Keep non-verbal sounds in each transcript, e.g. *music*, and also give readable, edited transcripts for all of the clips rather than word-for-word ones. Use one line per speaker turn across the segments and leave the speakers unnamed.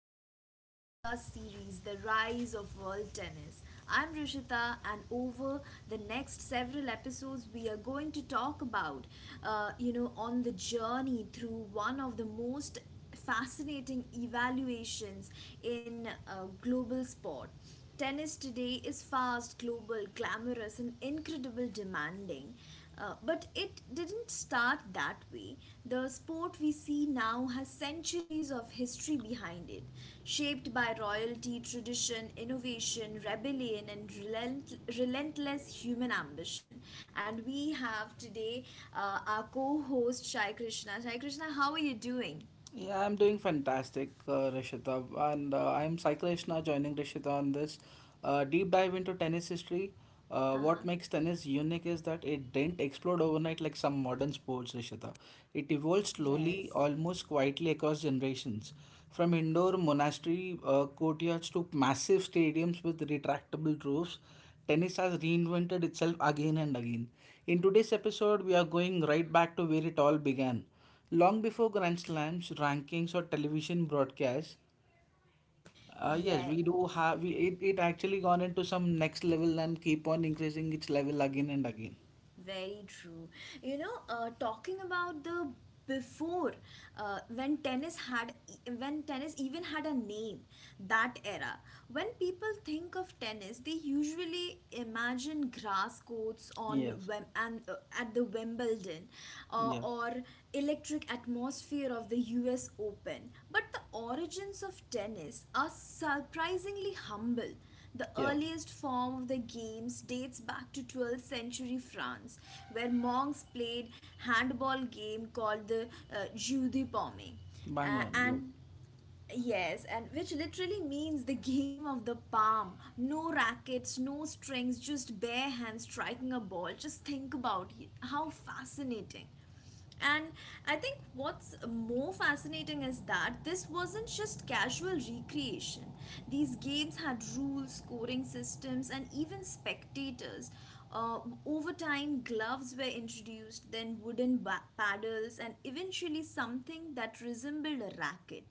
brand new podcast series, The Rise of World Tennis. I'm Rishita, and over the next several episodes, we are going to talk about, on the journey through one of the most fascinating evaluations in global sport. Tennis today is fast, global, glamorous, and incredibly demanding. But it didn't start that way. The sport we see now has centuries of history behind it, shaped by royalty, tradition, innovation, rebellion, and relentless human ambition. And we have today our co host Shai Krishna. Shai Krishna, how are you doing?
Yeah, I'm doing fantastic, Rishita, and I'm Sai Krishna joining Rishita on this deep dive into tennis history.
Huh?
What makes tennis unique is that it didn't explode overnight like some modern sports, Rishita. It evolved slowly,
Yes.
almost quietly across generations, from indoor monastery courtyards to massive stadiums with retractable roofs. Tennis has reinvented itself again and again. In today's episode, we are going right back to where it all began long before grand slams rankings or television broadcasts. Yes,
Yeah,
we do have, it actually gone into some next level and keep on increasing its level again and again.
very true. You know, talking about the before uh, when tennis had when tennis even had a name, that era when people think of tennis, they usually imagine grass courts on
Yes.
Wem- and at the Wimbledon,
Yeah.
or electric atmosphere of the US Open. But the origins of tennis are surprisingly humble. The
Yeah.
earliest form of the games dates back to 12th century France, where monks played handball game called the jeu de paume.
Bang on,
And
yes.
Yes, and which literally means the game of the palm. No rackets, no strings, just bare hands striking a ball. Just think about it. How fascinating. And I think what's more fascinating is that this wasn't just casual recreation. These games had rules, scoring systems, and even spectators. Uh, Over time, gloves were introduced, then paddles, and eventually something that resembled a racket.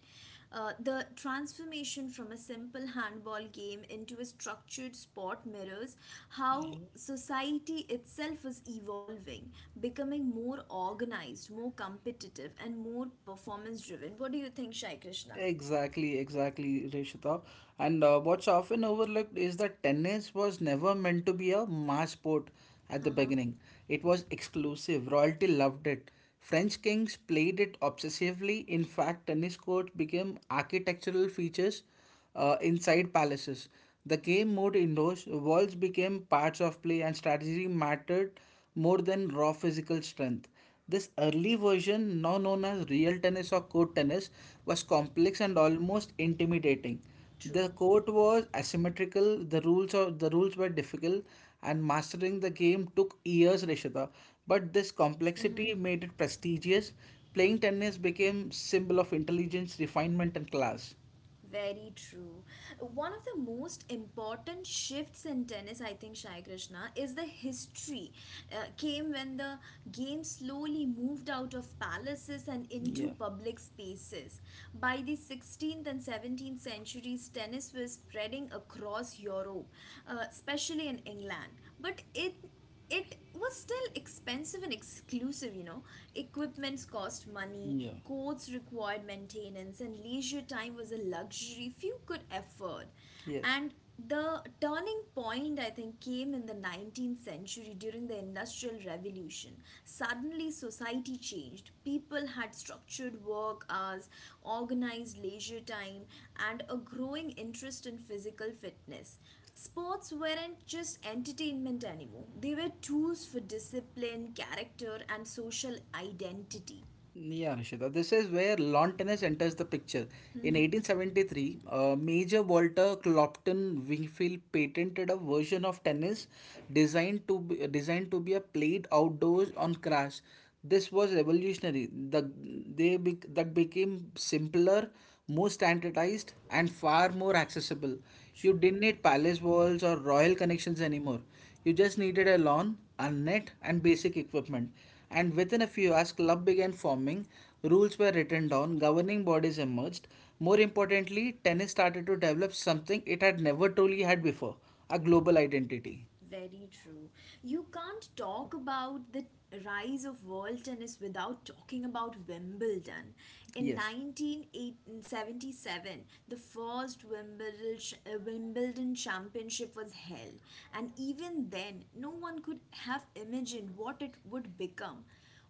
The transformation from a simple handball game into a structured sport mirrors how society itself is evolving, becoming more organized, more competitive, and more performance driven. What do you think, Shai Krishna?
Exactly, exactly, Rishita. And what's often overlooked is that tennis was never meant to be a mass sport at
Uh
the
huh.
beginning. It was exclusive. Royalty loved it. French kings played it obsessively. In fact, tennis courts became architectural features inside palaces. The game moved indoors, walls became parts of play, and strategy mattered more than raw physical strength. This early version, now known as real tennis or court tennis, was complex and almost intimidating. The
True.
court was asymmetrical, the rules were difficult, and mastering the game took years, Rishita. But this complexity made it prestigious. Playing tennis became symbol of intelligence, refinement, and class.
Very true. One of the most important shifts in tennis, I think, Shai Krishna, is the history. Came when the game slowly moved out of palaces and into
Yeah,
public spaces. By the 16th and 17th centuries, tennis was spreading across Europe, especially in England. But it was still expensive and exclusive, you know. Equipments cost money,
yeah,
coats required maintenance, and leisure time was a luxury few could afford.
yes.
And the turning point, I think, came in the 19th century during the Industrial Revolution. Suddenly, society changed. People had structured work hours, organized leisure time, and a growing interest in physical fitness. Sports weren't just entertainment anymore, they were tools for discipline, character, and social identity.
Yeah, Rishita. This is where lawn tennis enters the picture. In 1873, Major Walter Clopton Wingfield patented a version of tennis designed to be a played outdoors on grass. This was revolutionary. The they bec that became simpler, more standardized, and far more accessible. You
True,
didn't need palace walls or royal connections anymore. You just needed a lawn, a net, and basic equipment. And within a few hours, club began forming, rules were written down, governing bodies emerged. More importantly, tennis started to develop something it had never truly had before, a global identity.
very true. You can't talk about the rise of world tennis without talking about Wimbledon. In
Yes.
1977, the first Wimbledon championship was held, and even then, no one could have imagined what it would become.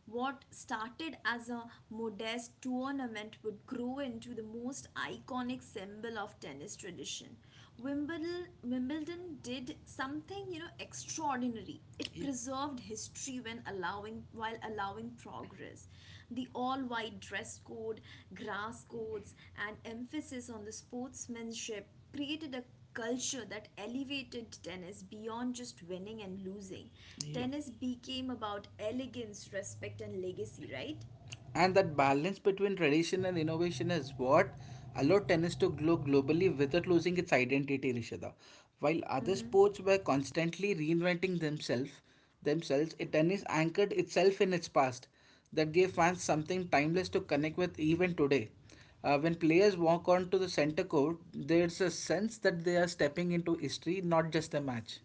What started as a modest tournament would grow into the most iconic symbol of tennis tradition. Wimbledon did something, you know, extraordinary. It
Yes.
preserved history when allowing while allowing progress. The all-white dress code, grass codes, and emphasis on the sportsmanship created a culture that elevated tennis beyond just winning and losing.
Yeah.
Tennis became about elegance, respect, and legacy, right?
And that balance between tradition and innovation is what allowed tennis to grow globally without losing its identity, Rishada. While other sports were constantly reinventing themselves, themselves, it tennis anchored itself in its past. That gave fans something timeless to connect with even today. When players walk onto the center court, there's a sense that they are stepping into history, not just a match.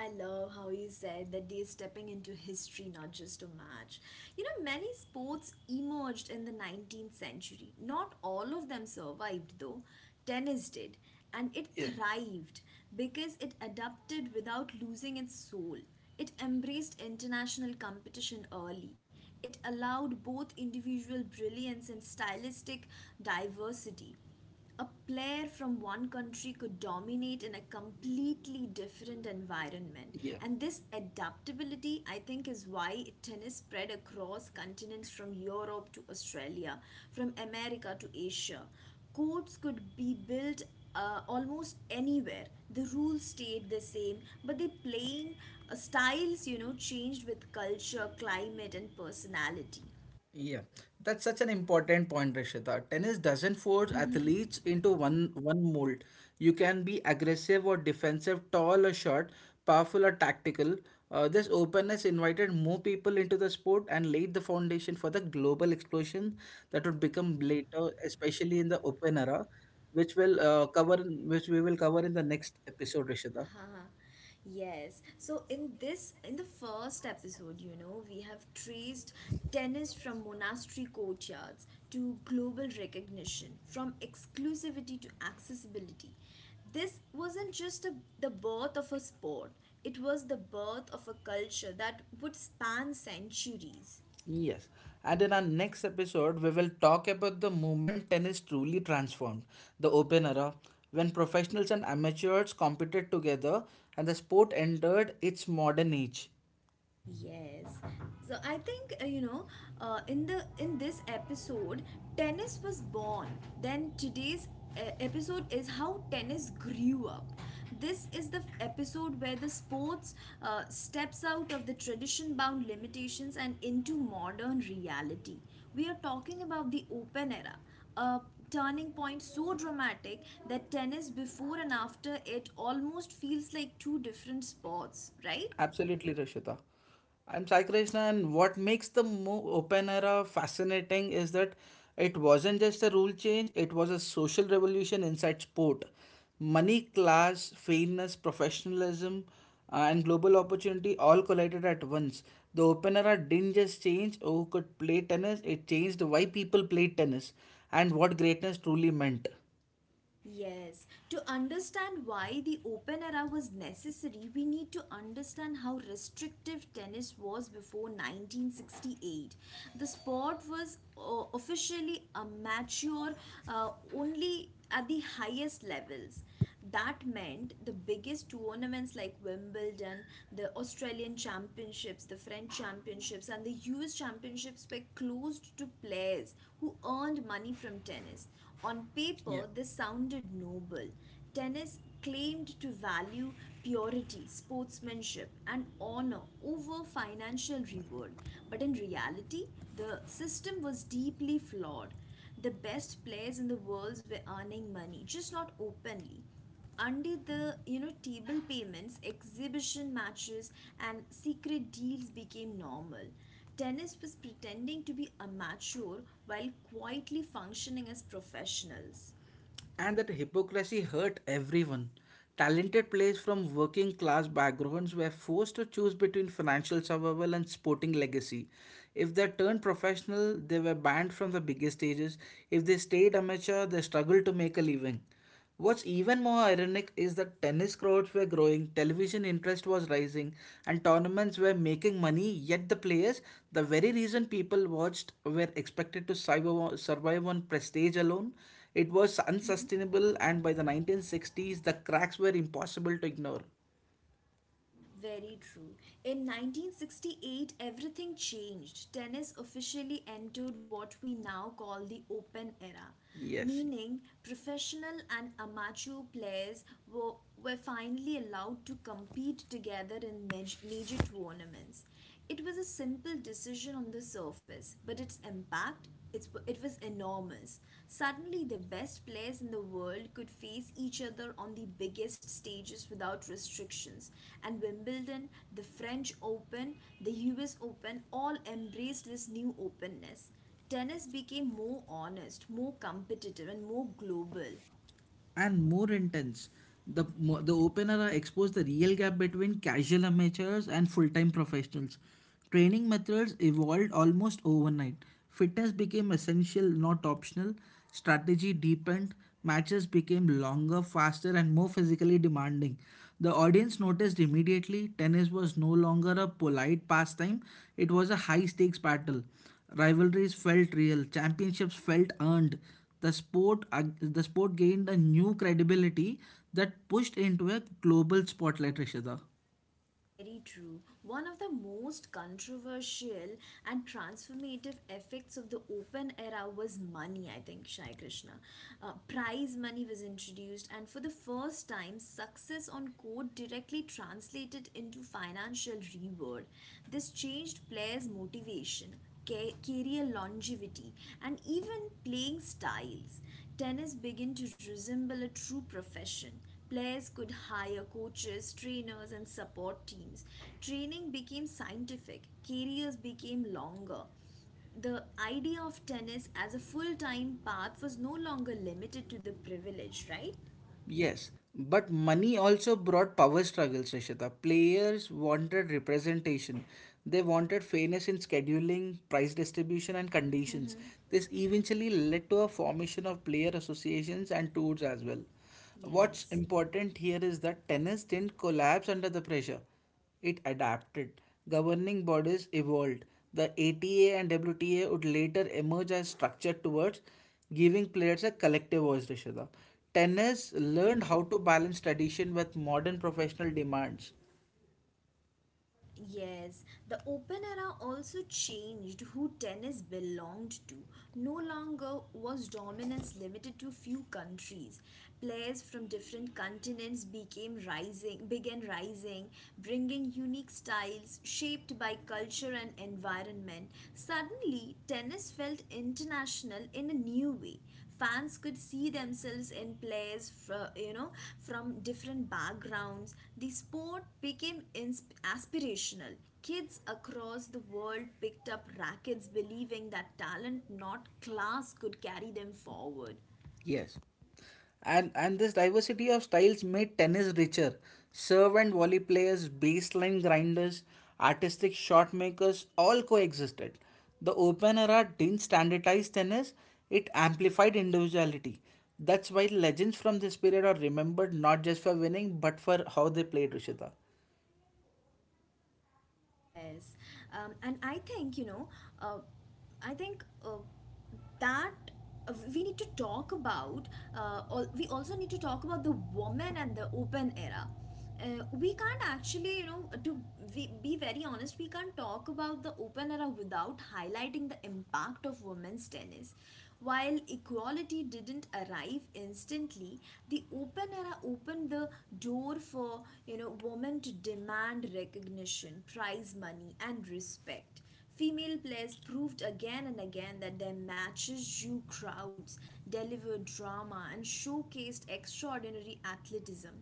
I love how he said that they are stepping into history, not just a match. You know, many sports emerged in the 19th century. Not all of them survived, though. Tennis did, and it
Yeah,
thrived because it adapted without losing its soul. It embraced international competition early. It allowed both individual brilliance and stylistic diversity. A player from one country could dominate in a completely different environment.
yeah.
And this adaptability, I think, is why tennis spread across continents, from Europe to Australia, from America to Asia. Courts could be built almost anywhere. The rules stayed the same, but the playing styles, you know, changed with culture, climate, and personality.
Yeah, that's such an important point, Rishita. Tennis doesn't force
Mhm.
athletes into one mold. You can be aggressive or defensive, tall or short, powerful or tactical. This openness invited more people into the sport and laid the foundation for the global explosion that would become later, especially in the open era, which will uh, cover, which we will cover in the next episode, Rishita.
Haha, yes. So in the first episode, you know, we have traced tennis from monastery courtyards to global recognition, from exclusivity to accessibility. This wasn't the birth of a sport, it was the birth of a culture that would span centuries.
Yes, and in our next episode, we will talk about the moment tennis truly transformed, the open era, when professionals and amateurs competed together and the sport entered its modern age.
Yes. So I think in this episode, tennis was born. Then today's episode is how tennis grew up. This is the episode where the sports steps out of the tradition bound limitations and into modern reality. We are talking about the open era, a turning point so dramatic that tennis before and after it almost feels like two different sports, right?
Absolutely, Rishita. I'm Sai Krishna, and what makes the open era fascinating is that it wasn't just a rule change, it was a social revolution inside sport. Money, class, fairness, professionalism, and global opportunity all collided at once. The open era didn't just change who could play tennis, it changed why people played tennis and what greatness truly meant.
Yes, to understand why the open era was necessary, we need to understand how restrictive tennis was before 1968. The sport was officially amateur uh, only at the highest levels. That meant the biggest tournaments like Wimbledon, the Australian Championships, the French Championships, and the US Championships were closed to players who earned money from tennis. On paper, this sounded noble. Tennis claimed to value purity, sportsmanship, and honor over financial reward. But in reality, the system was deeply flawed. The best players in the world were earning money, just not openly. Under the, you know, table payments, exhibition matches and secret deals became normal. Tennis was pretending to be amateur while quietly functioning as professionals.
And that hypocrisy hurt everyone. Talented players from working class backgrounds were forced to choose between financial survival and sporting legacy. If they turned professional, they were banned from the biggest stages. If they stayed amateur, they struggled to make a living. What's even more ironic is that tennis crowds were growing, television interest was rising, and tournaments were making money, yet the players, the very reason people watched, were expected to survive on prestige alone. It was unsustainable, and by the 1960s, the cracks were impossible to ignore.
Very true. In 1968, everything changed. Tennis officially entered what we now call the open era,
Yes.
meaning professional and amateur players were, were finally allowed to compete together in major tournaments. It was a simple decision on the surface, but it was enormous. Suddenly, the best players in the world could face each other on the biggest stages without restrictions. And Wimbledon, the French Open, the US Open all embraced this new openness. Tennis became more honest, more competitive, and more global.
And more intense. The opener exposed the real gap between casual amateurs and full time professionals. Training methods evolved almost overnight. Fitness became essential, not optional. Strategy deepened. Matches became longer, faster, and more physically demanding. The audience noticed immediately tennis was no longer a polite pastime, it was a high stakes battle. Rivalries felt real, championships felt earned. The sport gained a new credibility that pushed into a global spotlight, Rishita.
Very true. One of the most controversial and transformative effects of the open era was money, I think, Shai Krishna. Prize money was introduced, and for the first time, success on court directly translated into financial reward. This changed players' motivation, career longevity, and even playing styles. Tennis began to resemble a true profession. Players could hire coaches, trainers, and support teams. Training became scientific, careers became longer. The idea of tennis as a full time path was no longer limited to the privileged, right?
Yes, but money also brought power struggles, Rishita. Players wanted representation. They wanted fairness in scheduling, price distribution, and conditions. This eventually led to a formation of player associations and tours as well. What's
Yes.
important here is that tennis didn't collapse under the pressure. It adapted. Governing bodies evolved. The ATA and WTA would later emerge as structured towards giving players a collective voice, Rishada. Tennis learned how to balance tradition with modern professional demands.
Yes, the open era also changed who tennis belonged to. No longer was dominance limited to few countries. Players from different continents began rising, bringing unique styles shaped by culture and environment. Suddenly, tennis felt international in a new way. Fans could see themselves in players from different backgrounds. The sport became aspirational. Kids across the world picked up rackets believing that talent, not class, could carry them forward.
Yes. And this diversity of styles made tennis richer. Serve and volley players, baseline grinders, artistic shot makers all coexisted. The open era didn't standardize tennis, it amplified individuality. That's why legends from this period are remembered not just for winning but for how they played, Rishita.
Yes, and I think, you know, uh, I think that we need to talk about, we also need to talk about the woman and the open era. We can't actually, you know, to we be very honest, we can't talk about the open era without highlighting the impact of women's tennis. While equality didn't arrive instantly, the open era opened the door for, you know, women to demand recognition, prize money, and respect. Female players proved again and again that their matches drew crowds, delivered drama, and showcased extraordinary athleticism.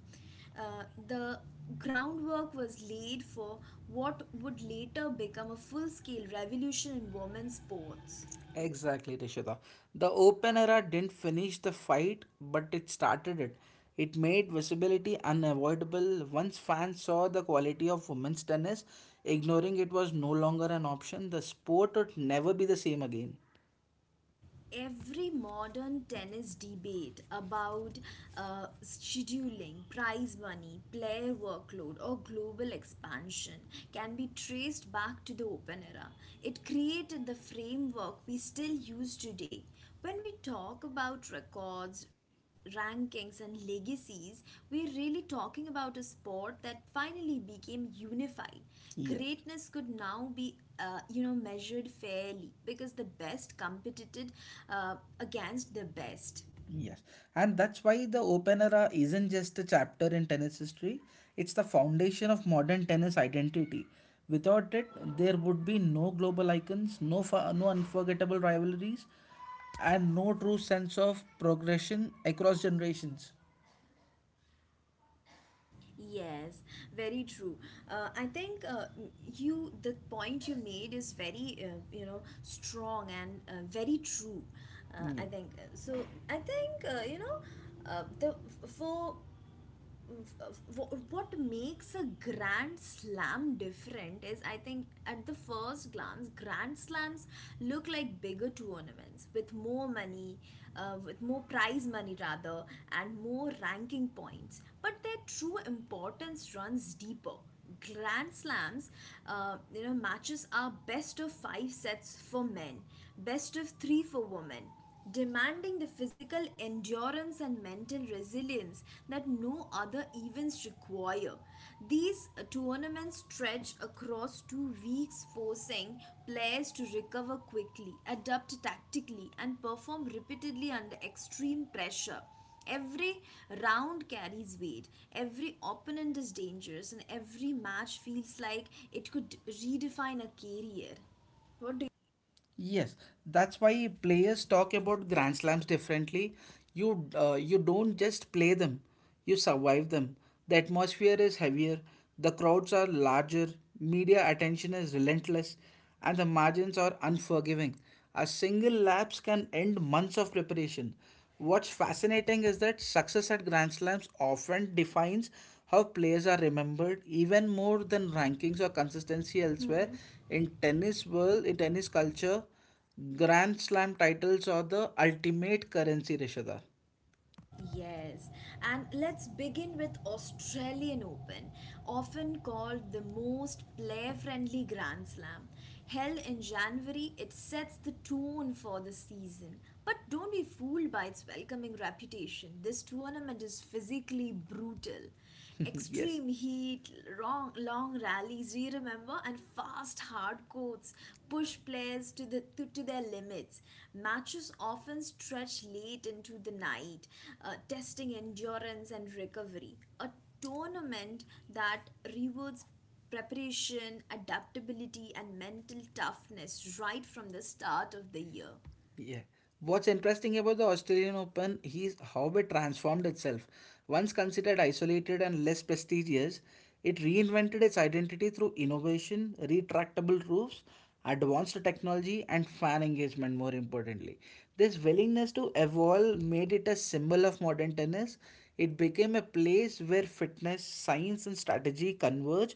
The groundwork was laid for what would later become a full scale revolution in women's sports.
Exactly, Rishita. The open era didn't finish the fight, but it started it. It made visibility unavoidable once fans saw the quality of women's tennis. Ignoring it was no longer an option. The sport would never be the same again.
Every modern tennis debate about scheduling, prize money, player workload, or global expansion can be traced back to the open era. It created the framework we still use today. When we talk about records, rankings, and legacies, we're really talking about a sport that finally became unified.
Yep.
Greatness could now be, you know, measured fairly because the best competed against the best.
Yes, and that's why the open era isn't just a chapter in tennis history, it's the foundation of modern tennis identity. Without it, there would be no global icons, no unforgettable rivalries, and no true sense of progression across generations.
Yes, very true. I think you, the point you made is very, you know, strong and very true. Uh, I
Yep.
think so I think you know the for what makes a grand slam different is, I think, at the first glance, grand slams look like bigger tournaments with more money, with more prize money rather, and more ranking points, but their true importance runs deeper. Grand slams, you know, matches are best of 5 sets for men, best of 3 for women, demanding the physical endurance and mental resilience that no other events require. These tournaments stretch across 2 weeks, forcing players to recover quickly, adapt tactically, and perform repeatedly under extreme pressure. Every round carries weight, every opponent is dangerous, and every match feels like it could redefine a career. What do you?
Yes, that's why players talk about grand slams differently. You don't just play them, you survive them. The atmosphere is heavier, the crowds are larger, media attention is relentless, and the margins are unforgiving. A single lapse can end months of preparation. What's fascinating is that success at Grand Slams often defines how players are remembered even more than rankings or consistency elsewhere.
Mm-hmm.
In tennis culture, Grand Slam titles are the ultimate currency, Rishada.
Yes, and let's begin with Australian Open, often called the most player-friendly Grand Slam. Held in January, it sets the tone for the season. But don't be fooled by its welcoming reputation. This tournament is physically brutal,
*laughs* Yes.
extreme heat, long, long rallies, do you remember? And fast, hard courts push players to their limits. Matches often stretch late into the night, testing endurance and recovery. A tournament that rewards preparation, adaptability, and mental toughness right from the start of the year.
Yeah. What's interesting about the Australian Open is how it transformed itself. Once considered isolated and less prestigious, it reinvented its identity through innovation, retractable roofs, advanced technology, and fan engagement, more importantly. This willingness to evolve made it a symbol of modern tennis. It became a place where fitness, science, and strategy converge.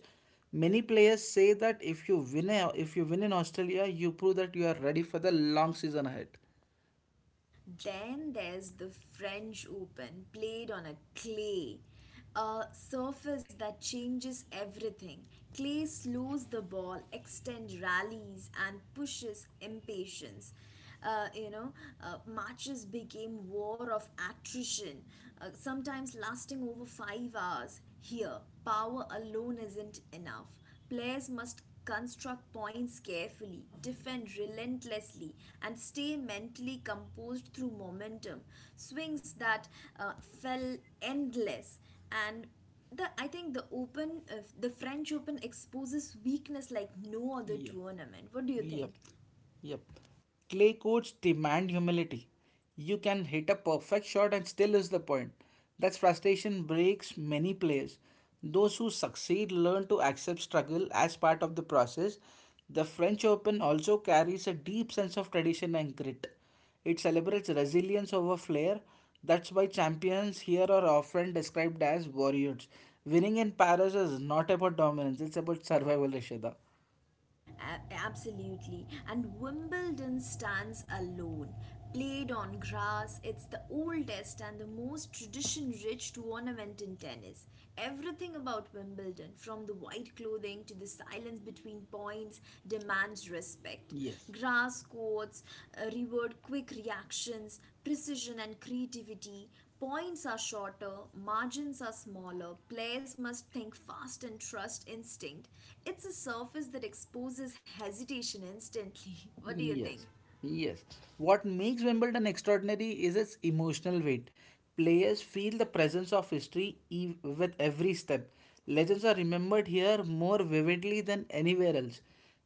Many players say that if you win in Australia, you prove that you are ready for the long season ahead.
Then there's the French Open, played on a clay, a surface that changes everything. Clay slows the ball, extends rallies, and pushes impatience. Uh, you know, matches became war of attrition, sometimes lasting over 5 hours. Here, power alone isn't enough. Players must construct points carefully, defend relentlessly, and stay mentally composed through momentum. Swings that fell endless and I think the open, the French Open exposes weakness like no other
Yep.
tournament. What do you
Yep.
think?
Yep. Clay courts demand humility. You can hit a perfect shot and still lose the point. That frustration breaks many players. Those who succeed learn to accept struggle as part of the process. The French Open also carries a deep sense of tradition and grit. It celebrates resilience over flair. That's why champions here are often described as warriors. Winning in Paris is not about dominance, it's about survival, Rishida.
Absolutely. And Wimbledon stands alone. Played on grass, it's the oldest and the most tradition rich tournament in tennis. Everything about Wimbledon, from the white clothing to the silence between points, demands respect.
Yes,
Grass courts reward quick reactions, precision, and creativity. Points are shorter, margins are smaller, players must think fast and trust instinct. It's a surface that exposes hesitation instantly. *laughs* What do you think?
yes, yes. What makes Wimbledon extraordinary is its emotional weight. Players feel the presence of history with every step. Legends are remembered here more vividly than anywhere else.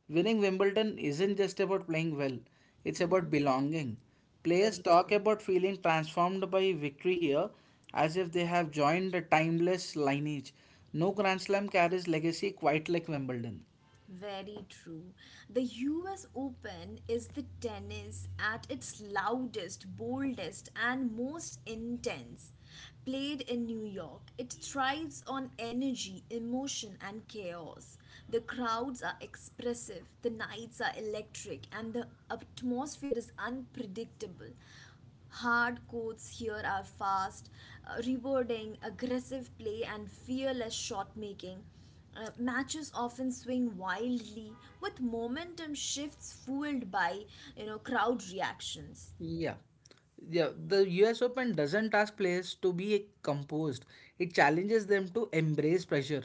Winning Wimbledon isn't just about playing well, it's about belonging. Players
Very
talk
true.
about feeling transformed by victory here as if they have joined a timeless lineage. No Grand Slam carries legacy quite like Wimbledon.
Very true. The US Open is the tennis at its loudest, boldest, and most intense. Played in New York, it thrives on energy, emotion, and chaos. The crowds are expressive, the nights are electric, and the atmosphere is unpredictable. Hard courts here are fast, rewarding aggressive play and fearless shot making. Matches often swing wildly with momentum shifts fueled by crowd reactions.
Yeah. Yeah, the US Open doesn't ask players to be composed. It challenges them to embrace pressure.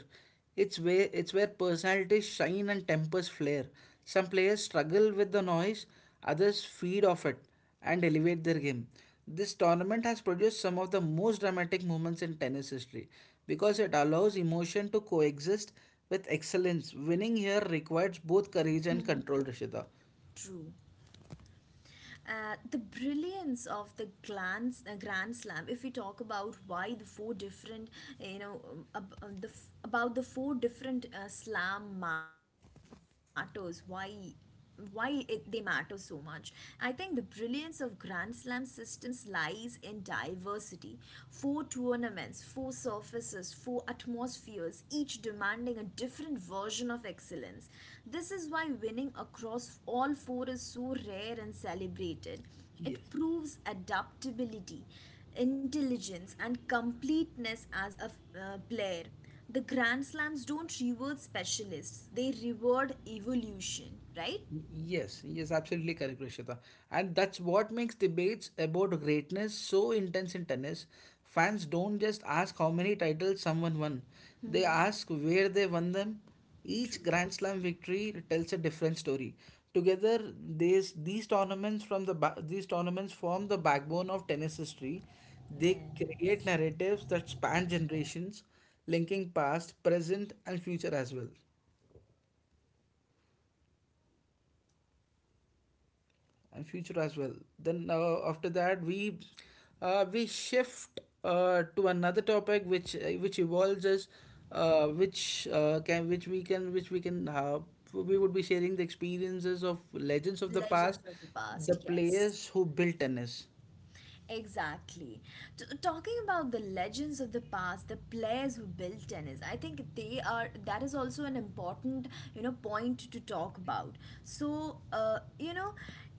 It's where personalities shine and tempers flare. Some players struggle with the noise, others feed off it and elevate their game. This tournament has produced some of the most dramatic moments in tennis history because it allows emotion to coexist with excellence. Winning here requires both courage and control, Rishita.
True. The brilliance of the grand slam, if we talk about why the four different about the four different slam matters, why they matter so much. I think the brilliance of grand slam systems lies in diversity. Four tournaments, four surfaces, four atmospheres, each demanding a different version of excellence. This is why winning across all four is so rare and celebrated. It
Yes.
proves adaptability, intelligence, and completeness as a player. The Grand Slams don't reward specialists, they reward evolution, right?
Yes, yes, absolutely correct, Rishita. And that's what makes debates about greatness so intense in tennis. Fans don't just ask how many titles someone won, they ask where they won them. Each
True.
Grand Slam victory tells a different story. Together, these tournaments form the backbone of tennis history. They create
Yes.
narratives that span generations, linking past, present, and future as well. and future as well. Then after that we shift to another topic which evolves as which can which we can which we can we would be sharing the experiences of legends of the past,
Legends of the
the
past, yes.
players who built tennis.
Exactly. T- talking about the legends of the past, the players who built tennis, I think they are that is also an important point to talk about. So uh, you know,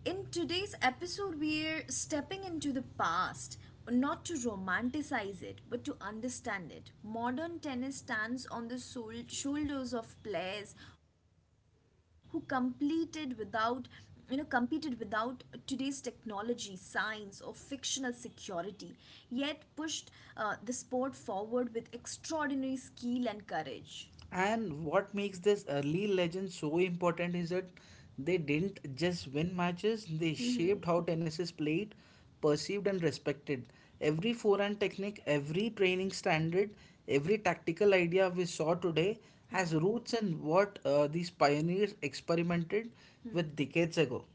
in today's episode, we're stepping into the past. Not to romanticize it, but to understand it. Modern tennis stands on the shoulders of players who completed without competed without today's technology, science, or fictional security, yet pushed the sport forward with extraordinary skill and courage.
And what makes this early legend so important is that they didn't just win matches, they shaped how tennis is played, perceived, and respected. Every forehand technique, every training standard, every tactical idea we saw today has roots in what these pioneers experimented with decades ago.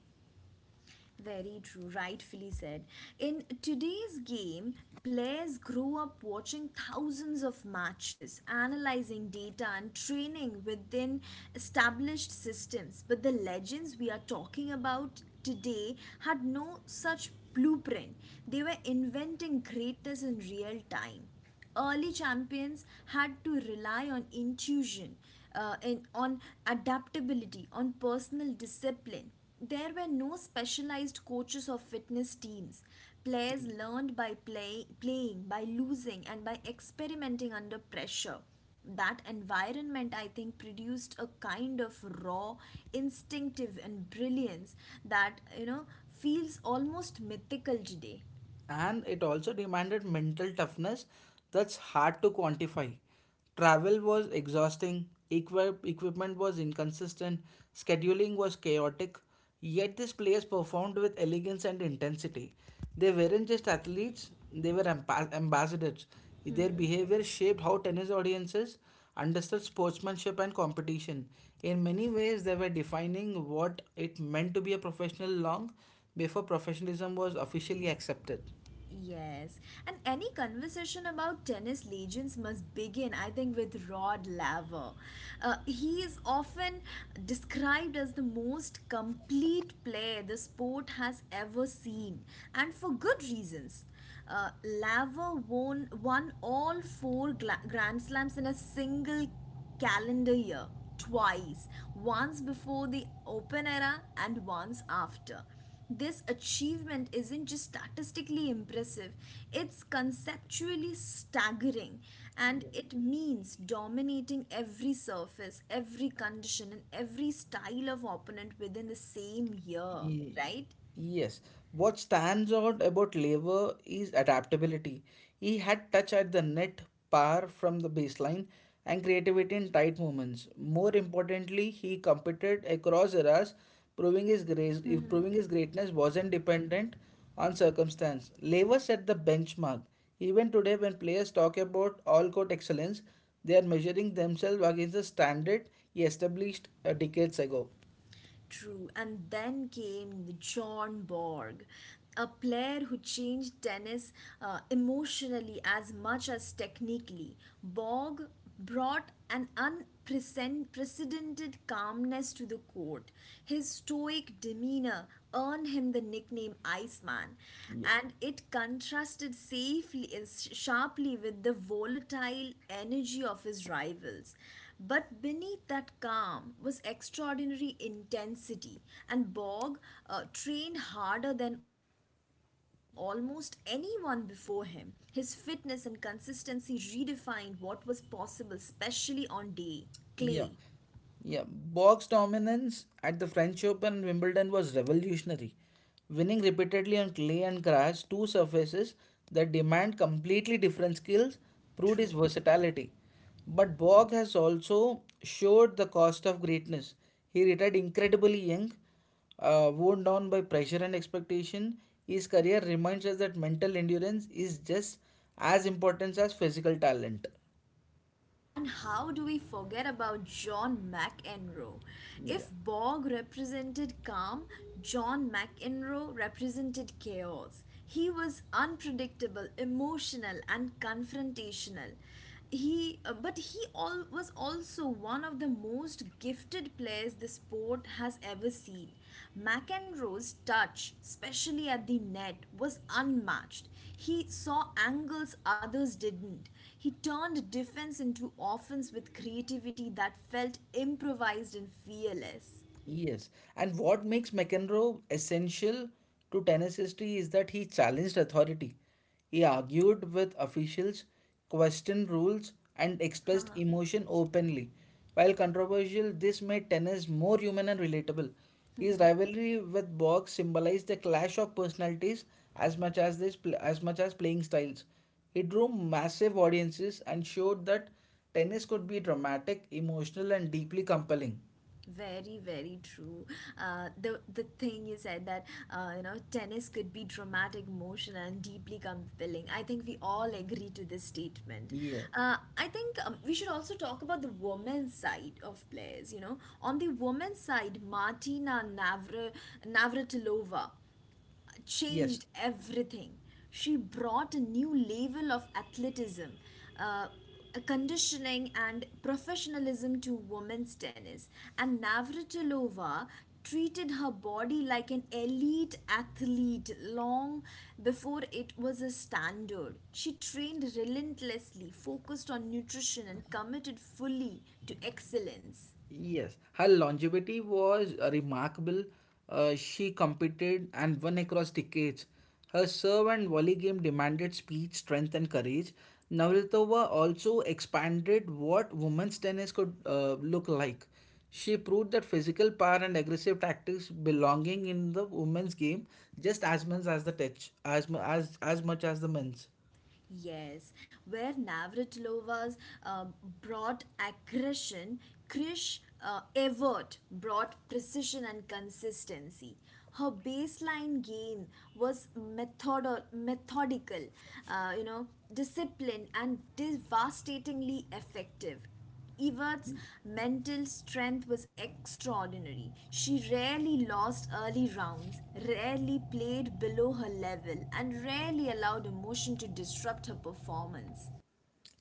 Very true, rightfully said. In today's game, players grow up watching thousands of matches, analyzing data, and training within established systems. But the legends we are talking about today had no such blueprint, they were inventing greatness in real time. Early champions had to rely on intuition and on adaptability, on personal discipline. There were no specialized coaches or fitness teams. Players learned by playing, by losing, and by experimenting under pressure. That environment, I think, produced a kind of raw, instinctive and brilliance that feels almost mythical today.
And it also demanded mental toughness that's hard to quantify. Travel was exhausting, equipment was inconsistent, scheduling was chaotic, yet these players performed with elegance and intensity. They weren't just athletes, they were ambassadors. Their behavior shaped how tennis audiences understood sportsmanship and competition. In many ways, they were defining what it meant to be a professional long before professionalism was officially accepted.
Yes, and any conversation about tennis legends must begin, I think, with Rod Laver. He is often described as the most complete player the sport has ever seen, and for good reasons. Laver won all four Grand Slams in a single calendar year twice, once before the open era and once after. This achievement isn't just statistically impressive, it's conceptually staggering, and
Yes.
it means dominating every surface, every condition, and every style of opponent within the same year,
Ye-
right?
Yes, what stands out about Lever is adaptability. He had touch at the net par from the baseline and creativity in tight moments. More importantly, he competed across eras, proving his grace, proving his greatness wasn't dependent on circumstance. Lever set the benchmark. Even today, when players talk about all-court excellence, they are measuring themselves against the standard he established decades ago.
True. And then came John Borg, a player who changed tennis emotionally as much as technically. Borg brought an unprecedented calmness to the court. His stoic demeanor earned him the nickname Iceman, and it contrasted safely sharply with the volatile energy of his rivals. But beneath that calm was extraordinary intensity, and Borg trained harder than almost anyone before him. His fitness and consistency redefined what was possible, especially on day clay.
Yeah. Yeah, box dominance at the French Open and Wimbledon was revolutionary, winning repeatedly on clay and grass, two surfaces that demand completely different skills, proved his
True.
versatility. But Borg has also showed the cost of greatness. He retired incredibly young, worn down by pressure and expectation. His career reminds us that mental endurance is just as important as physical talent.
And how do we forget about John McEnroe?
Yeah.
If Borg represented calm, John McEnroe represented chaos. He was unpredictable, emotional, and confrontational. But he was also one of the most gifted players the sport has ever seen. McEnroe's touch, especially at the net, was unmatched. He saw angles others didn't. He turned defense into offense with creativity that felt improvised and fearless.
Yes, and what makes McEnroe essential to tennis history is that he challenged authority. He argued with officials, questioned rules, and expressed
*laughs*
emotion openly. While controversial, this made tennis more human and relatable. His rivalry with Box symbolized the clash of personalities as much as playing styles. It drew massive audiences and showed that tennis could be dramatic, emotional, and deeply compelling.
Very true. The thing you said that tennis could be dramatic, emotional, and deeply compelling, I think we all agree to this statement.
Yes.
I think we should also talk about the women's side of players. You know on the women's side, Navratilova
Yes,
changed everything. She brought a new level of athleticism, uh, conditioning, and professionalism to women's tennis. And Navratilova treated her body like an elite athlete long before it was a standard. She trained relentlessly, focused on nutrition, and committed fully to excellence.
yes. Her longevity was remarkable. She competed and won across decades. Her serve and volley game demanded speed, strength, and courage. Navratilova also expanded what women's tennis could look like. She proved that physical power and aggressive tactics belonging in the women's game just as much as the touch, as much as the men's.
Yes, where Navratilova's uh, brought aggression, Krish Evert brought precision and consistency. Her baseline game was methodical, uh, you know, disciplined and devastatingly effective. Evert's mental strength was extraordinary. She rarely lost early rounds, rarely played below her level, and rarely allowed emotion to disrupt her performance.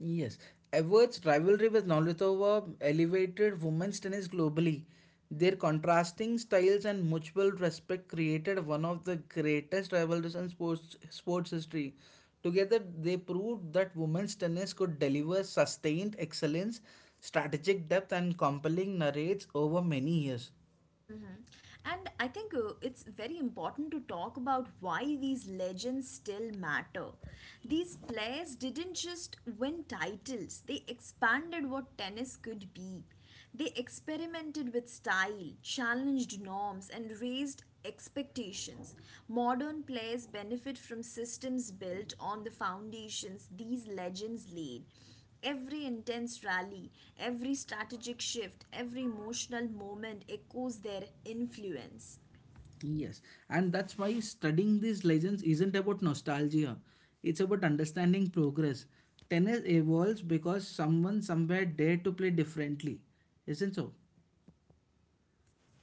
Yes, Edwards' rivalry with Nolitova elevated women's tennis globally. Their contrasting styles and mutual respect created one of the greatest rivalries in sports history. Together, they proved that women's tennis could deliver sustained excellence, strategic depth, and compelling narrates over many years.
And I think it's very important to talk about why these legends still matter. These players didn't just win titles, they expanded what tennis could be. They experimented with style, challenged norms, and raised expectations. Modern players benefit from systems built on the foundations these legends laid. Every intense rally, every strategic shift, every emotional moment echoes their influence.
Yes, and that's why studying these legends isn't about nostalgia. It's about understanding progress. Tennis evolves because someone somewhere dared to play differently. Isn't so?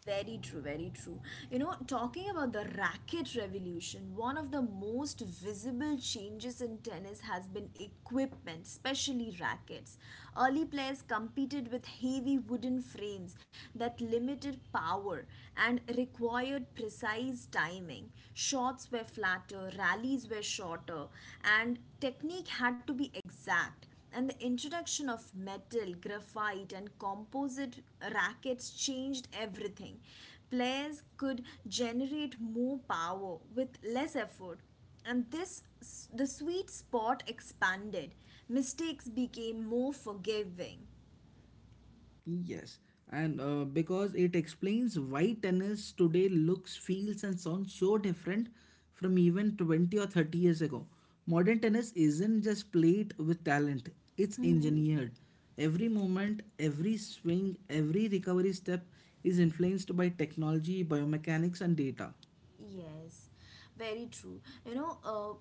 Very true, very true. You know, talking about the racket revolution, one of the most visible changes in tennis has been equipment, especially rackets. Early players competed with heavy wooden frames that limited power and required precise timing. Shots were flatter, rallies were shorter, and technique had to be exact. And the introduction of metal, graphite, and composite rackets changed everything. Players could generate more power with less effort, and this the sweet spot expanded. Mistakes became more forgiving.
Yes, and because it explains why tennis today looks, feels, and sounds so different from even 20 or 30 years ago. Modern tennis isn't just played with talent, it's engineered. Every moment, every swing, every recovery step is influenced by technology, biomechanics, and data.
Yes, very true. You know,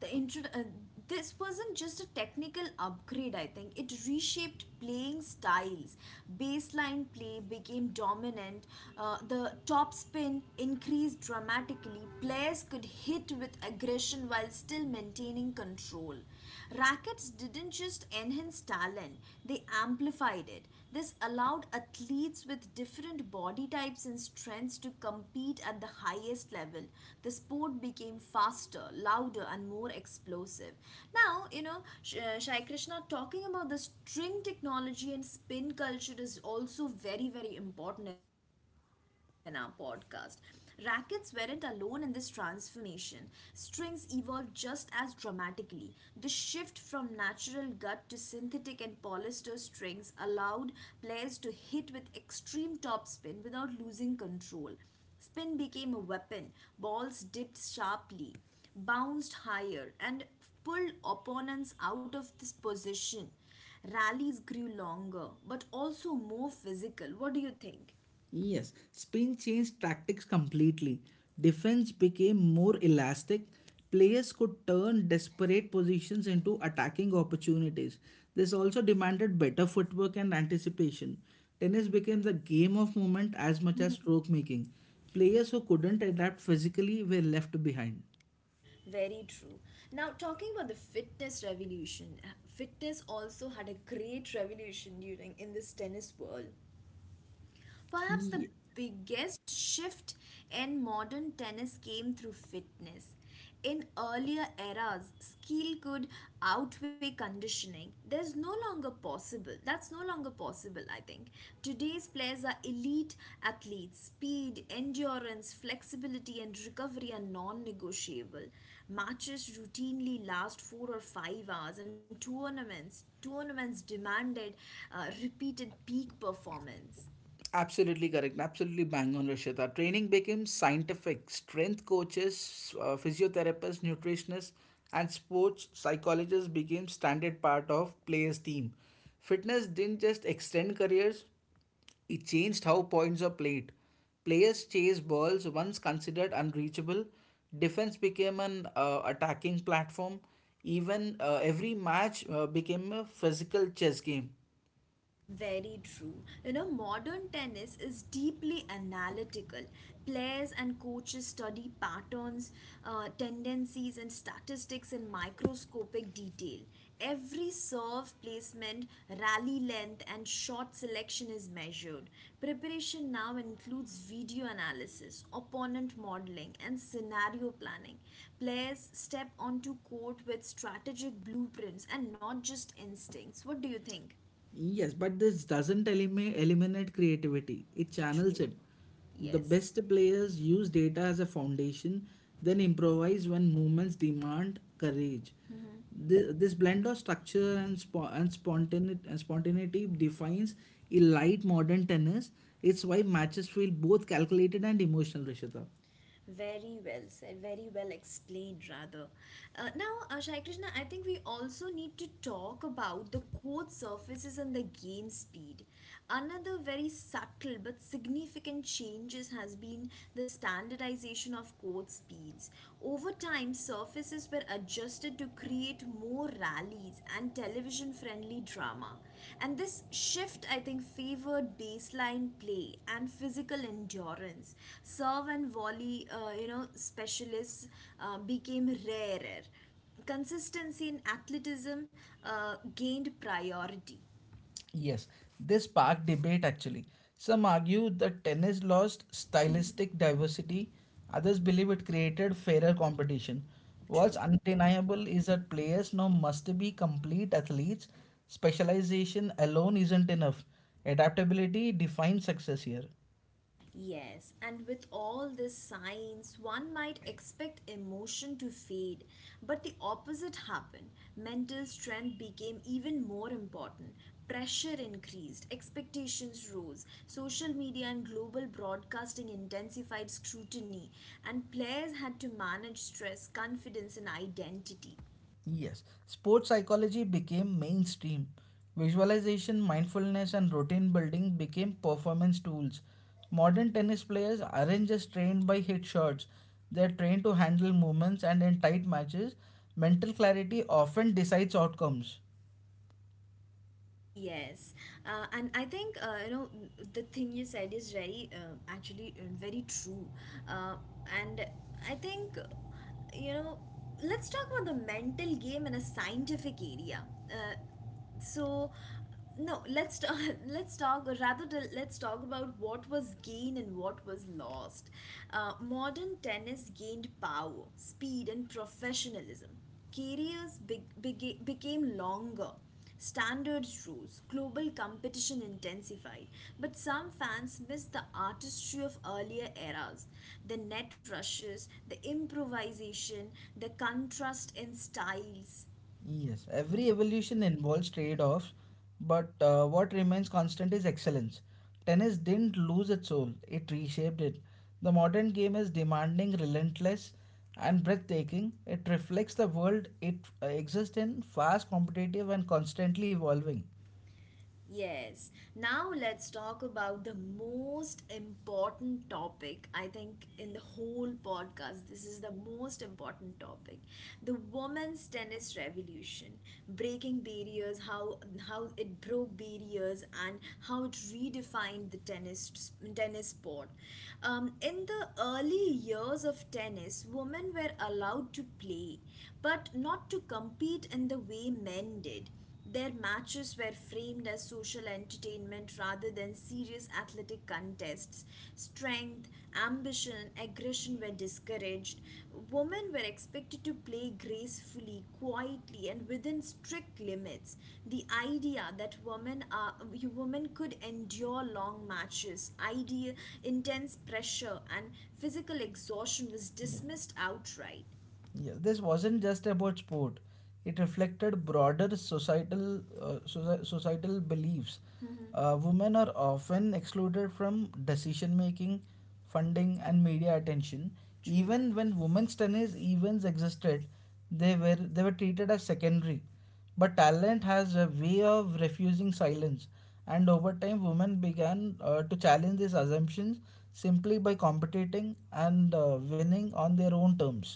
the intro. This wasn't just a technical upgrade. I think it reshaped playing styles. Baseline play became dominant. The topspin increased dramatically. Players could hit with aggression while still maintaining control. Rackets didn't just enhance talent, they amplified it. This allowed athletes with different body types and strengths to compete at the highest level. The sport became faster, louder, and more explosive. Now, you know, Shai Krishna, talking about the string technology and spin culture is also very, very important in our podcast. Rackets weren't alone in this transformation. Strings evolved just as dramatically. The shift from natural gut to synthetic and polyester strings allowed players to hit with extreme topspin without losing control. Spin became a weapon, balls dipped sharply, bounced higher, and pulled opponents out of this position. Rallies grew longer but also more physical. What do you think?
Yes, Spain changed tactics completely. Defense became more elastic. Players could turn desperate positions into attacking opportunities. This also demanded better footwork and anticipation. Tennis became the game of movement as much as stroke making. Players who couldn't adapt physically were left behind.
Very true. Now, talking about the fitness revolution, fitness also had a great revolution during in this tennis world. Perhaps the biggest shift in modern tennis came through fitness. In earlier eras, skill could outweigh conditioning. There's no longer possible. That's no longer possible, I think. Today's players are elite athletes. Speed, endurance, flexibility, and recovery are non negotiable. Matches routinely last 4 or 5 hours, and tournaments demanded repeated peak performance.
Absolutely correct. Absolutely bang on, Rishita. Training became scientific. Strength coaches, physiotherapists, nutritionists, and sports psychologists became standard part of players' team. Fitness didn't just extend careers; it changed how points are played. Players chase balls once considered unreachable. Defense became an attacking platform. Even every match became a physical chess game.
Very true. You know, modern tennis is deeply analytical. Players and coaches study patterns, tendencies, and statistics in microscopic detail. Every serve placement, rally length, and shot selection is measured. Preparation now includes video analysis, opponent modeling, and scenario planning. Players step onto court with strategic blueprints and not just instincts. What do you think?
Yes, but this doesn't eliminate creativity, it channels
True.
it. The
Yes,
best players use data as a foundation, then improvise when movements demand courage. This blend of structure and spontaneity defines elite modern tennis. It's why matches feel both calculated and emotional, Rishita.
very well said, very well explained, rather. Now, Shai Krishna, I think we also need to talk about the court surfaces and the game speed. Another very subtle but significant changes has been the standardization of court speeds. Over time, surfaces were adjusted to create more rallies and television friendly drama. And this shift, I think, favored baseline play and physical endurance. Serve and volley, specialists became rarer. Consistency in athleticism gained priority.
Yes, this sparked debate actually. Some argue that tennis lost stylistic diversity, others believe it created fairer competition. What's
True.
undeniable is that players now must be complete athletes. Specialization alone isn't enough. Adaptability defines success here.
Yes, and with all this science, one might expect emotion to fade, but the opposite happened. Mental strength became even more important. Pressure increased, expectations rose, social media and global broadcasting intensified scrutiny, and players had to manage stress, confidence, and identity.
Yes, sports psychology became mainstream. Visualization, mindfulness, and routine building became performance tools. Modern tennis players aren't just trained by hit shots, they're trained to handle movements, and in tight matches, mental clarity often decides outcomes.
Yes, and I think the thing you said is very actually very true. Uh, and I think you know let's talk about the mental game in a scientific area. Uh, so no *laughs* Let's talk, or let's talk about what was gained and what was lost. Uh, modern tennis gained power, speed, and professionalism. Careers became longer, standards rose, global competition intensified, but some fans missed the artistry of earlier eras, the net rushes, the improvisation, the contrast in styles.
Yes, every evolution involves trade-offs, but what remains constant is excellence. Tennis didn't lose its soul, it reshaped it. The modern game is demanding, relentless, and breathtaking. It reflects the world it exists in, fast, competitive, and constantly evolving.
Yes. Now let's talk about the most important topic, I think, in the whole podcast. This is the most important topic. The women's tennis revolution, breaking barriers, how it broke barriers and how it redefined the tennis sport. In the early years of tennis, women were allowed to play, but not to compete in the way men did. Their matches were framed as social entertainment rather than serious athletic contests. Strength, ambition, aggression were discouraged. Women were expected to play gracefully, quietly, and within strict limits. The idea that women could endure long matches, idea, intense pressure, and physical exhaustion was
Yeah.
dismissed outright.
Yeah, this wasn't just about sport. It reflected broader societal beliefs. Women are often excluded from decision making, funding, and media attention.
True.
Even when women's tennis events existed, they were treated as secondary. But talent has a way of refusing silence, and over time, women began to challenge these assumptions simply by competing and winning on their own terms.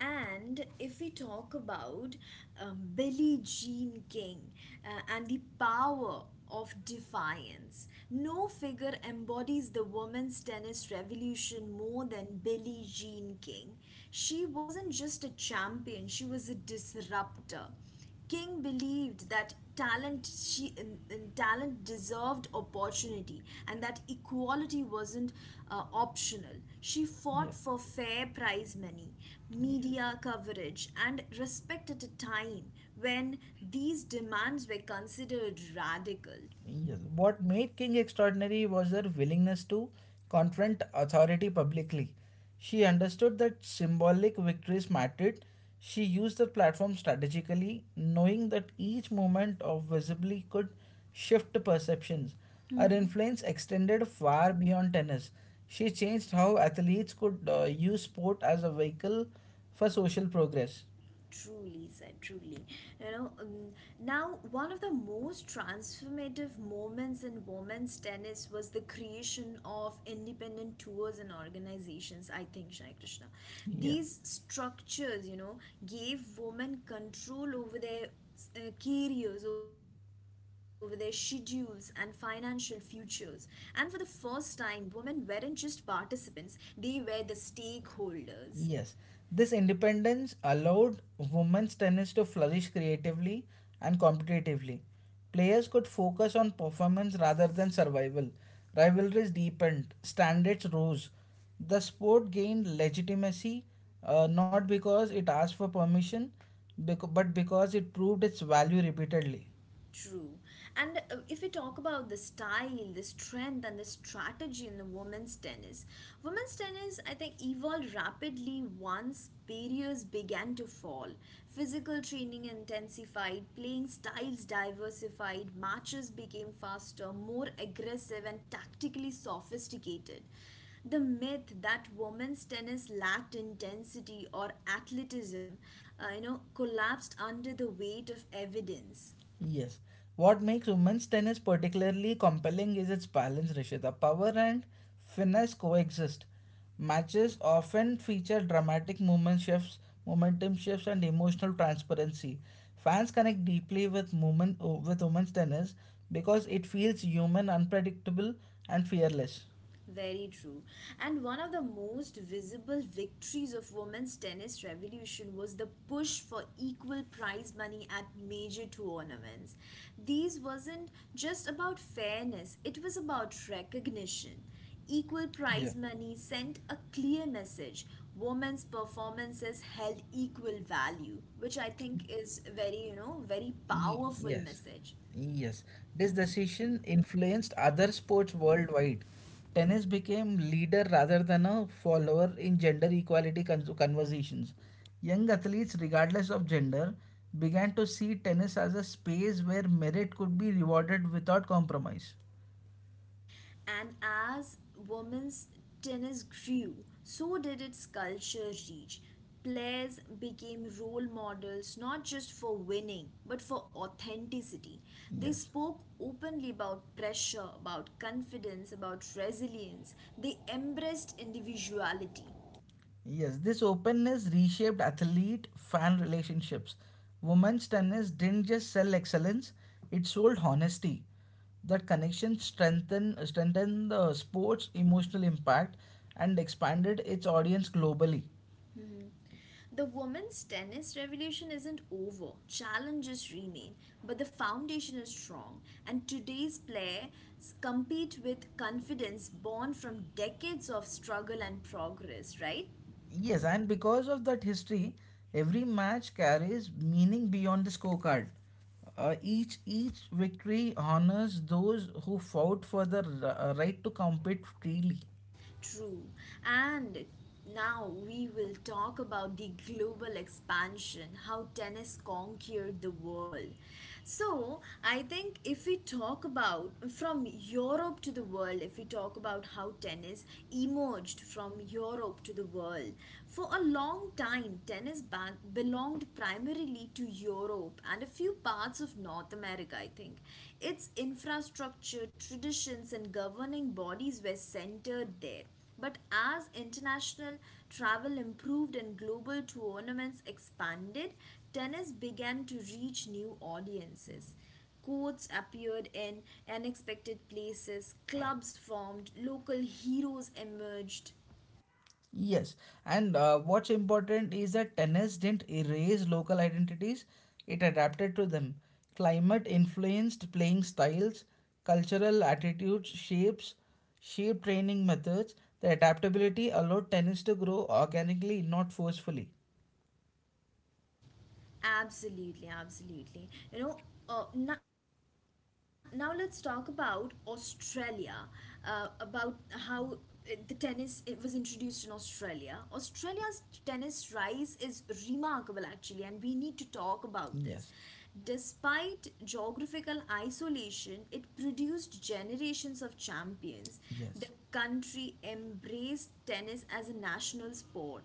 And if we talk about Billie Jean King and the power of defiance, no figure embodies the women's tennis revolution more than Billie Jean King. She wasn't just a champion, she was a disruptor. King believed that talent deserved opportunity and that equality wasn't optional. She
Yeah.
fought for fair prize money,
Yes.
media coverage, and respect at a time when these demands were considered radical.
Yes. What made King extraordinary was her willingness to confront authority publicly. She understood that symbolic victories mattered. She used the platform strategically, knowing that each moment of visibly could shift perceptions. Her influence extended far beyond tennis. She changed how athletes could use sport as a vehicle for social progress.
Truly said, truly, you know um, now one of the most transformative moments in women's tennis was the creation of independent tours and organizations, I think, Shai Krishna.
Yeah.
These structures, gave women control over their careers, over their schedules and financial futures. And for the first time, women weren't just participants, they were the stakeholders.
Yes, this independence allowed women's tennis to flourish creatively and competitively. Players could focus on performance rather than survival. Rivalries deepened, standards rose. The sport gained legitimacy not because it asked for permission, but because it proved its value repeatedly.
True. And if we talk about the style, the strength, and the strategy in the women's tennis, I think, evolved rapidly once barriers began to fall. Physical training intensified, playing styles diversified, matches became faster, more aggressive, and tactically sophisticated. The myth that women's tennis lacked intensity or athleticism, collapsed under the weight of evidence.
Yes. What makes women's tennis particularly compelling is its balance, Rishita. Power and finesse coexist. Matches often feature dramatic movement shifts, momentum shifts, and emotional transparency. Fans connect deeply with women with women's tennis because it feels human, unpredictable, and fearless.
Very true. And one of the most visible victories of women's tennis revolution was the push for equal prize money at major tournaments. These wasn't just about fairness, it was about recognition. Equal
Yeah.
prize money sent a clear message. Women's performances held equal value, which I think is very, very
Ye-
powerful
Yes,
message.
yes. This decision influenced other sports worldwide. Tennis became leader rather than a follower in gender equality conversations. Young athletes, regardless of gender, began to see tennis as a space where merit could be rewarded without compromise.
And as women's tennis grew, so did its culture reach. Players became role models not just for winning but for authenticity. They
Yes.
spoke openly about pressure, about confidence, about resilience. They embraced individuality.
Yes, this openness reshaped athlete fan relationships. Women's tennis didn't just sell excellence, it sold honesty. That connection strengthened the sport's emotional impact and expanded its audience globally.
The women's tennis revolution isn't over, challenges remain, but the foundation is strong, and today's players compete with confidence born from decades of struggle and progress, right?
Yes, and because of that history, every match carries meaning beyond the scorecard. Each victory honors those who fought for the right to compete freely.
True. And now we will talk about the global expansion, how tennis conquered the world. So, I think if we talk about from Europe to the world, if we talk about how tennis emerged from Europe to the world, for a long time, tennis belonged primarily to Europe and a few parts of North America, I think. Its infrastructure, traditions, and governing bodies were centered there. But as international travel improved and global tournaments expanded, tennis began to reach new audiences. Courts appeared in unexpected places, clubs formed, local heroes emerged.
Yes, and what's important is that tennis didn't erase local identities, it adapted to them. Climate influenced playing styles, cultural attitudes, shape training methods. The adaptability allowed tennis to grow organically, not forcefully.
Absolutely, absolutely. You know, now let's talk about Australia, about how the tennis it was introduced in Australia. Australia's tennis rise is remarkable actually, and we need to talk about this.
Yes,
Despite geographical isolation, it produced generations of champions. The
yes.
country embraced tennis as a national sport,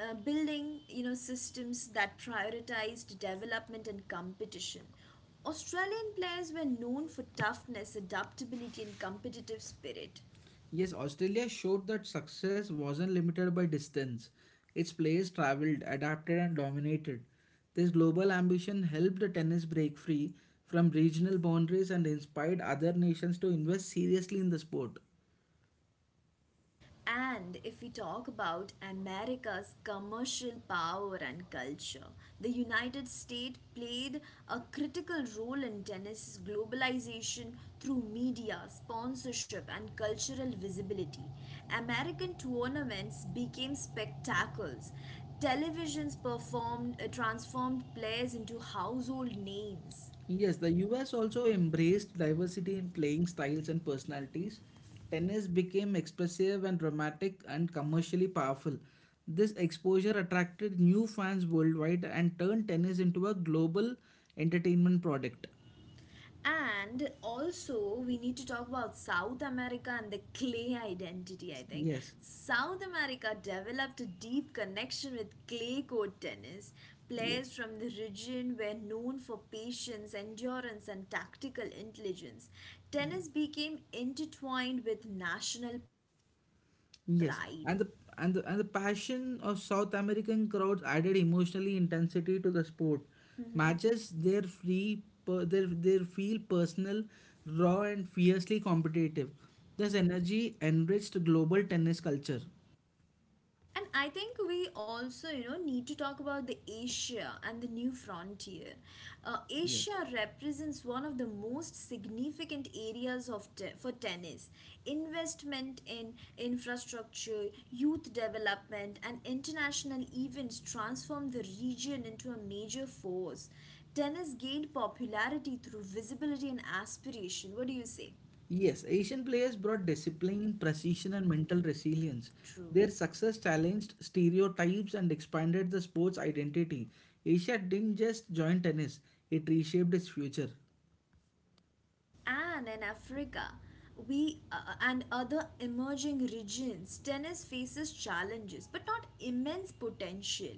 building, systems that prioritized development and competition. Australian players were known for toughness, adaptability, and competitive spirit.
Yes, Australia showed that success wasn't limited by distance. Its players traveled, adapted, and dominated. This global ambition helped the tennis break free from regional boundaries and inspired other nations to invest seriously in the sport.
And if we talk about America's commercial power and culture, the United States played a critical role in tennis's globalization through media, sponsorship, and cultural visibility. American tournaments became spectacles. Televisions performed transformed players into household names.
Yes, the US also embraced diversity in playing styles and personalities. Tennis became expressive and dramatic and commercially powerful. This exposure attracted new fans worldwide and turned tennis into a global entertainment product.
And also, we need to talk about South America and the clay identity, I think.
Yes,
South America developed a deep connection with clay court tennis.
yes,
Players from the region were known for patience, endurance, and tactical intelligence.
yes.
Tennis became intertwined with national pride.
Yes, and the passion of South American crowds added emotionally intensity to the sport. Matches their free per, their feel personal, raw and fiercely competitive. This energy enriched global tennis culture.
And I think we also, need to talk about the Asia and the new frontier.
Yes.
Asia represents one of the most significant areas of for tennis. Investment in infrastructure, youth development, and international events transform the region into a major force. Tennis gained popularity through visibility and aspiration. What do you say?
Yes, Asian players brought discipline, precision, and mental resilience.
True.
Their success challenged stereotypes and expanded the sport's identity. Asia didn't just join tennis, it reshaped its future.
And in Africa, we and other emerging regions, tennis faces challenges but not immense potential.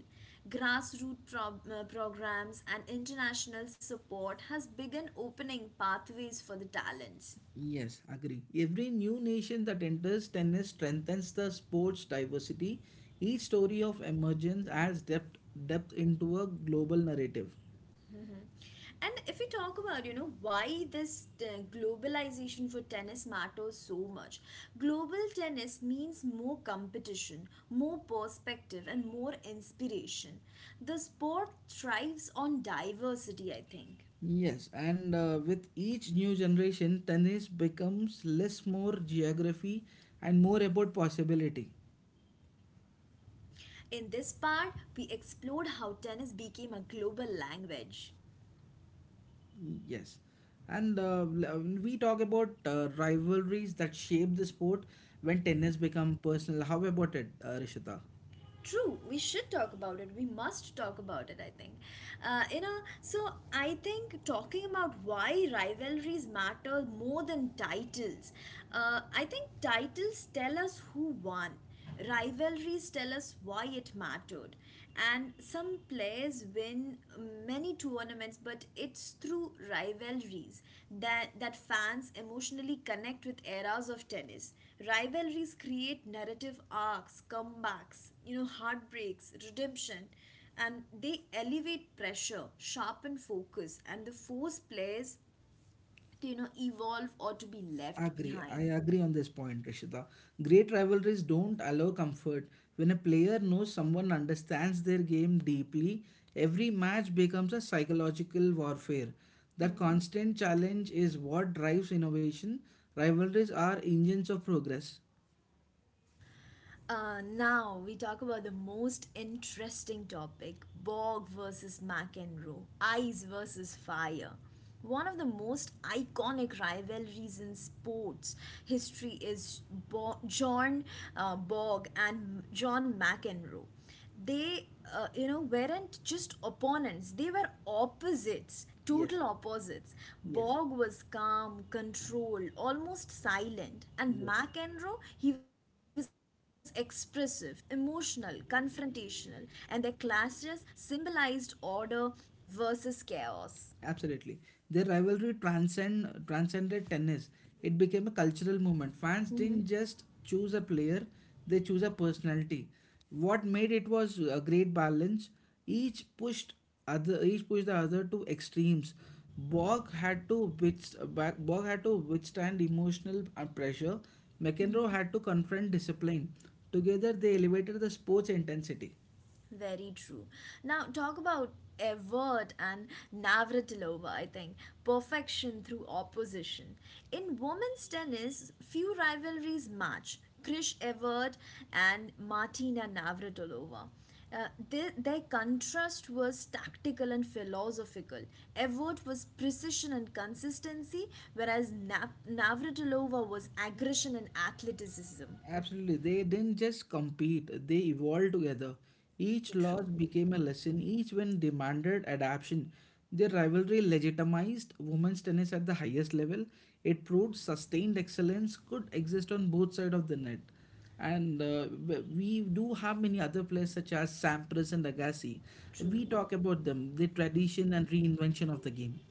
Grassroots programs and international support has begun opening pathways for the talents.
Yes, agree. Every new nation that enters tennis strengthens the sport's diversity. Each story of emergence adds depth into a global narrative.
And if we talk about, why this globalization for tennis matters so much, global tennis means more competition, more perspective, and more inspiration. The sport thrives on diversity, I think.
Yes, and with each new generation, tennis becomes less more geography and more about possibility.
In this part, we explored how tennis became a global language.
Yes, and we talk about rivalries that shape the sport when tennis become personal. How about it, Rishita?
True, we should talk about it. We must talk about it, I think. You know, so I think talking about why rivalries matter more than titles, I think titles tell us who won, rivalries tell us why it mattered. And some players win many tournaments, but it's through rivalries that fans emotionally connect with eras of tennis. Rivalries create narrative arcs, comebacks, heartbreaks, redemption, and they elevate pressure, sharpen focus, and they force players to, evolve or to be left
Agree. I
behind.
agree on this point, Rishita. Great rivalries don't allow comfort. When a player knows someone understands their game deeply, every match becomes a psychological warfare. That constant challenge is what drives innovation. Rivalries are engines of progress.
Now we talk about the most interesting topic, Bog versus McEnroe, ice versus fire. One of the most iconic rivalries in sports history is Bo- John Bog and John McEnroe. They, weren't just opponents, they were opposites, total
Yes,
opposites.
yes,
Bog was calm, controlled, almost silent, and
yes.
McEnroe, he was expressive, emotional, confrontational, and their clashes symbolized order versus chaos.
Absolutely. Their transcended tennis. It became a cultural movement. Fans didn't just choose a player, they choose a personality. What made it was a great balance. Each pushed each pushed the other to extremes. Borg had to wit- Borg had to withstand emotional pressure. McEnroe had to confront discipline. Together they elevated the sport's intensity.
Very true. Now, talk about Evert and Navratilova, I think. Perfection through opposition. In women's tennis, few rivalries match Krish Evert and Martina Navratilova. Their contrast was tactical and philosophical. Evert was precision and consistency, whereas Navratilova was aggression and athleticism.
Absolutely. They didn't just compete, they evolved together. Each
Very
loss
true.
became a lesson, each win demanded adaptation. Their rivalry legitimized women's tennis at the highest level. It proved sustained excellence could exist on both sides of the net. And we do have many other players such as Sampras and Agassi. We
True.
talk about them, the tradition and reinvention of the game.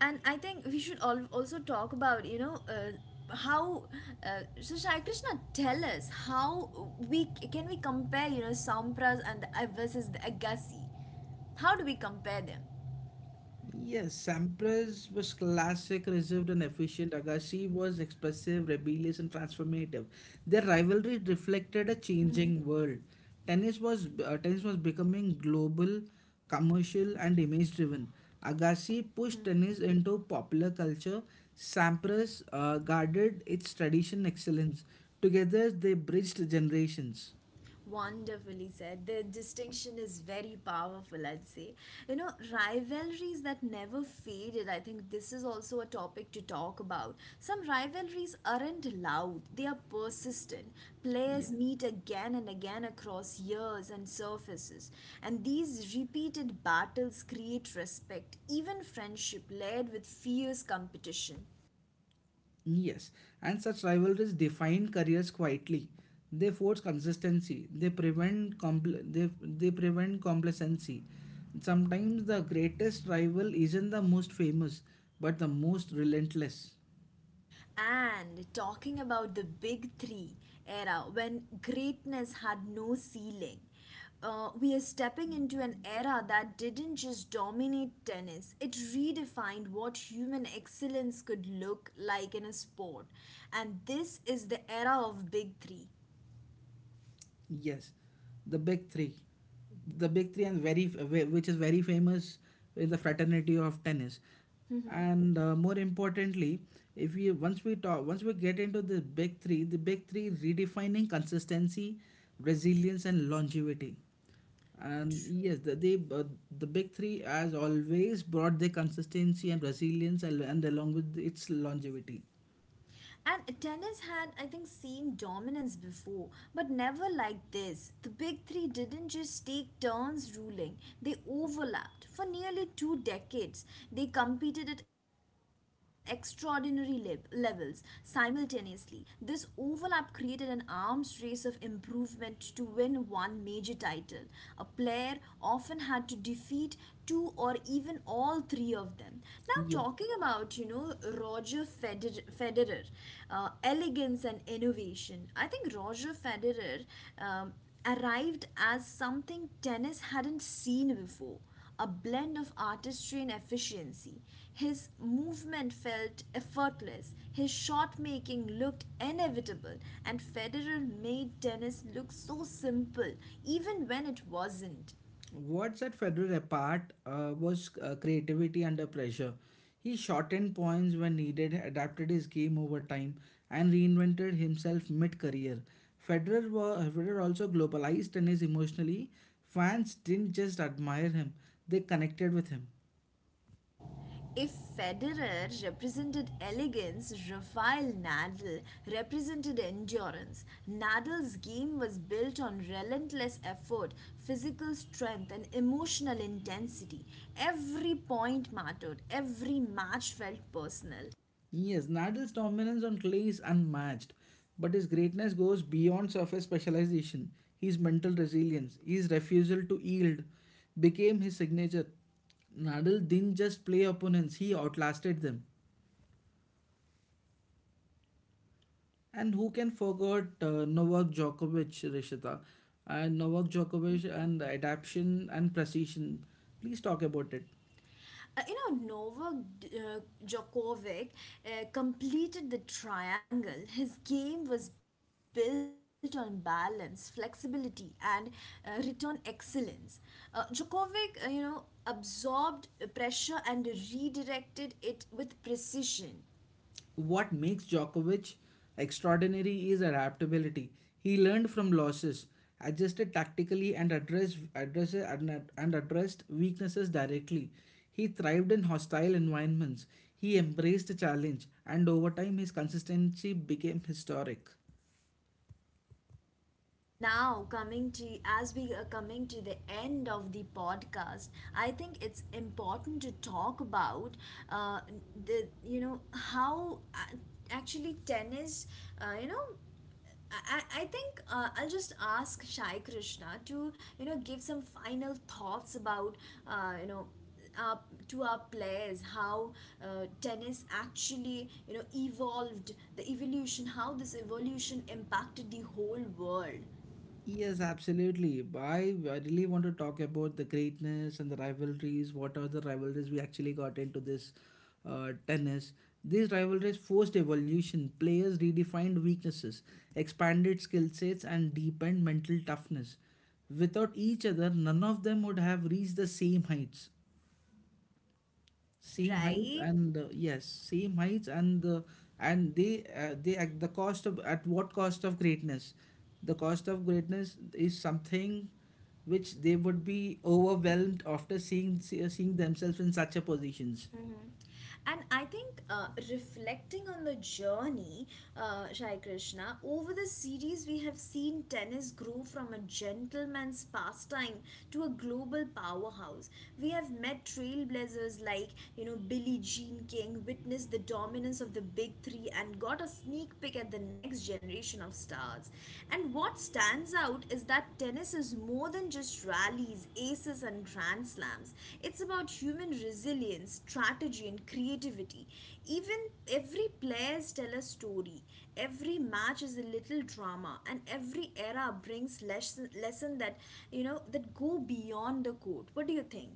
And I think we should all also talk about, how, so Shai Krishna, tell us how we can, we compare, Sampras and the versus the Agassi. How do we compare them?
Yes, Sampras was classic, reserved, and efficient. Agassi was expressive, rebellious, and transformative. Their rivalry reflected a changing world. Tennis was becoming global, commercial, and image-driven. Agassi pushed tennis into popular culture. Sampras guarded its tradition excellence. Together, they bridged generations.
Wonderfully said. The distinction is very powerful, I'd say. You know, rivalries that never faded. I think this is also a topic to talk about. Some rivalries aren't loud, they are persistent.
Yeah.
Players meet again and again across years and surfaces. And these repeated battles create respect, even friendship, layered with fierce competition.
Yes, and such rivalries define careers quietly. They force consistency. They prevent complacency. Sometimes the greatest rival isn't the most famous, but the most relentless.
And talking about the big three era when greatness had no ceiling, we are stepping into an era that didn't just dominate tennis, it redefined what human excellence could look like in a sport. And this is the era of big three.
Yes, the big three, the big three, and which is very famous is the fraternity of tennis, and more importantly, if we once we talk once we get into the big three redefining consistency, resilience, and longevity. And yes,
True.
the big three has always brought the consistency and resilience, and along with its longevity.
And tennis had, I think, seen dominance before, but never like this. The big three didn't just take turns ruling, they overlapped. For nearly two decades, they competed at extraordinary levels simultaneously. This overlap created an arms race of improvement to win one major title. A player often had to defeat two or even all three of them. Now,
Yes.
talking about, Federer, elegance and innovation, I think Roger Federer um, arrived as something tennis hadn't seen before, a blend of artistry and efficiency. His movement felt effortless, his shot making looked inevitable, and Federer made tennis look so simple, even when it wasn't.
What set Federer apart was creativity under pressure. He shortened points when needed, adapted his game over time, and reinvented himself mid career. Federer also globalized tennis emotionally. Fans didn't just admire him, they connected with him.
If Federer represented elegance, Rafael Nadal represented endurance. Nadal's game was built on relentless effort, physical strength, and emotional intensity. Every point mattered, every match felt personal.
Yes, Nadel's dominance on clay is unmatched, but his greatness goes beyond surface specialization. His mental resilience, his refusal to yield, became his signature. Nadal didn't just play opponents, he outlasted them. And who can forget Novak Djokovic, Rishita? And Novak Djokovic and adaptation and precision. Please talk about it.
Novak Djokovic completed the triangle. His game was built on balance, flexibility, and return excellence. Djokovic, absorbed pressure and redirected it with precision.
What makes Djokovic extraordinary is adaptability. He learned from losses, adjusted tactically, and addressed weaknesses directly. He thrived in hostile environments. He embraced the challenge, and over time, his consistency became historic.
Now coming to, as we are coming to the end of the podcast, I think it's important to talk about uh, the, how actually tennis, you know I think I'll just ask Shai Krishna to, give some final thoughts about uh, you know our, to our players, how tennis actually, evolved, the evolution, how this evolution impacted the whole world,
Yes, absolutely. I really want to talk about the greatness and the rivalries. What are the rivalries we actually got into this tennis? These rivalries forced evolution. Players redefined weaknesses, expanded skill sets, and deepened mental toughness. Without each other, none of them would have reached the same heights same height
right?
and uh, yes same heights and they at the cost of at what cost of greatness, the cost of greatness is something which they would be overwhelmed after seeing themselves in such a positions.
And I think, reflecting on the journey, Shai Krishna, over the series, we have seen tennis grow from a gentleman's pastime to a global powerhouse. We have met trailblazers like, Billie Jean King, witnessed the dominance of the big three, and got a sneak peek at the next generation of stars. And what stands out is that tennis is more than just rallies, aces, and grand slams. It's about human resilience, strategy, and creativity. Even every players tell a story. Every match is a little drama, and every era brings lesson that, that go beyond the court. What do you think?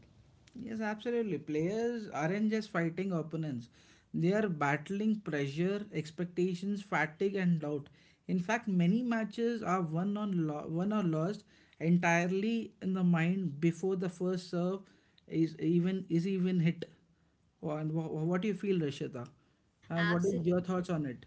Yes, absolutely. Players aren't just fighting opponents, they are battling pressure, expectations, fatigue, and doubt. In fact, many matches are won or lost entirely in the mind before the first serve is even hit. And what do you feel, Rishita? And what are
Absolutely.
your thoughts on it?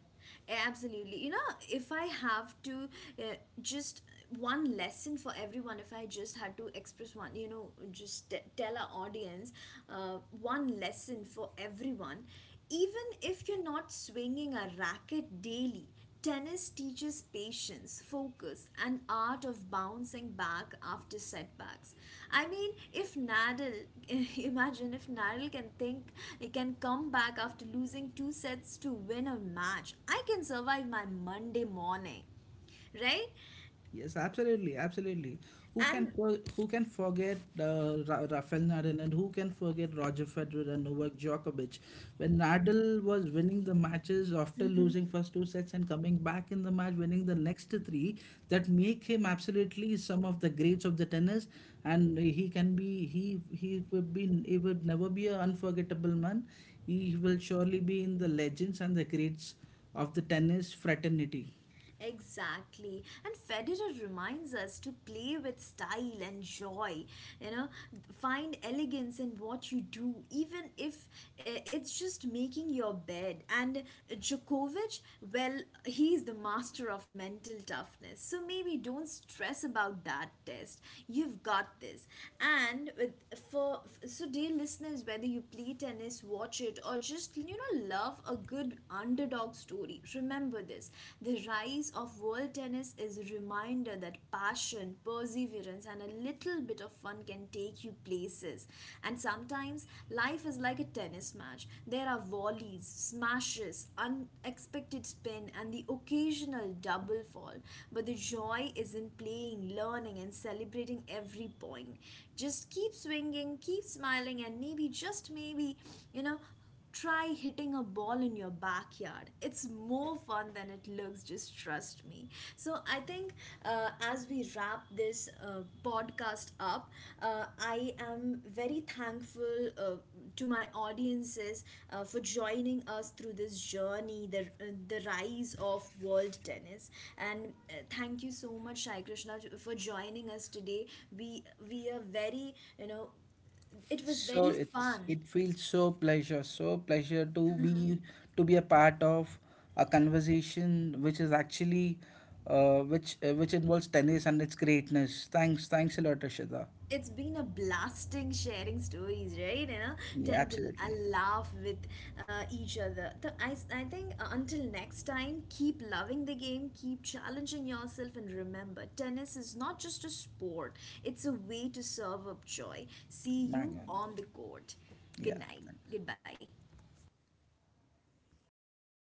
Absolutely. You know, if I have to, uh, just one lesson for everyone, if I just had to express one, just tell our audience one lesson for everyone, even if you're not swinging a racket daily, tennis teaches patience, focus, and art of bouncing back after setbacks. I mean, if Nadal, *laughs* imagine if Nadal can think, can come back after losing two sets to win a match. I can survive my Monday morning, right?
Yes, absolutely, absolutely.
And
Who can forget Rafael Nadal and who can forget Roger Federer and Novak Djokovic? When Nadal was winning the matches after losing
*laughs*
first two sets and coming back in the match, winning the next three, that make him absolutely some of the greats of the tennis, and he can be he would be he would never be an unforgettable man. He will surely be in the legends and the greats of the tennis fraternity.
exactly. And Federer reminds us to play with style and joy. You know, find elegance in what you do, even if it's just making your bed. And Djokovic, well, he's the master of mental toughness. So maybe don't stress about that test. You've got this. And with, for so dear listeners, whether you play tennis, watch it, or just, love a good underdog story. Remember this, the rise of world tennis is a reminder that passion, perseverance, and a little bit of fun can take you places. And sometimes life is like a tennis match. There are volleys, smashes, unexpected spin, and the occasional double fall. But the joy is in playing, learning, and celebrating every point. Just keep swinging, keep smiling, and maybe, just maybe, you know, try hitting a ball in your backyard. It's more fun than it looks, just trust me. So, I think as we wrap this podcast up, I am very thankful to my audiences for joining us through this journey, the rise of world tennis. And thank you so much, Shai Krishna, for joining us today. We are very, you know, it was
So
very fun.
it feels so pleasure to be a part of a conversation which is actually which involves tennis and its greatness. Thanks, thanks a lot, Ashita.
It's been a blasting sharing stories, right? You know,
Yeah,
tend to
absolutely.
laugh with each other. So I think until next time, keep loving the game, keep challenging yourself, and remember tennis is not just a sport, it's a way to serve up joy. See
Bang
you
on.
on the court. Good
Yeah,
night.
thanks.
Goodbye.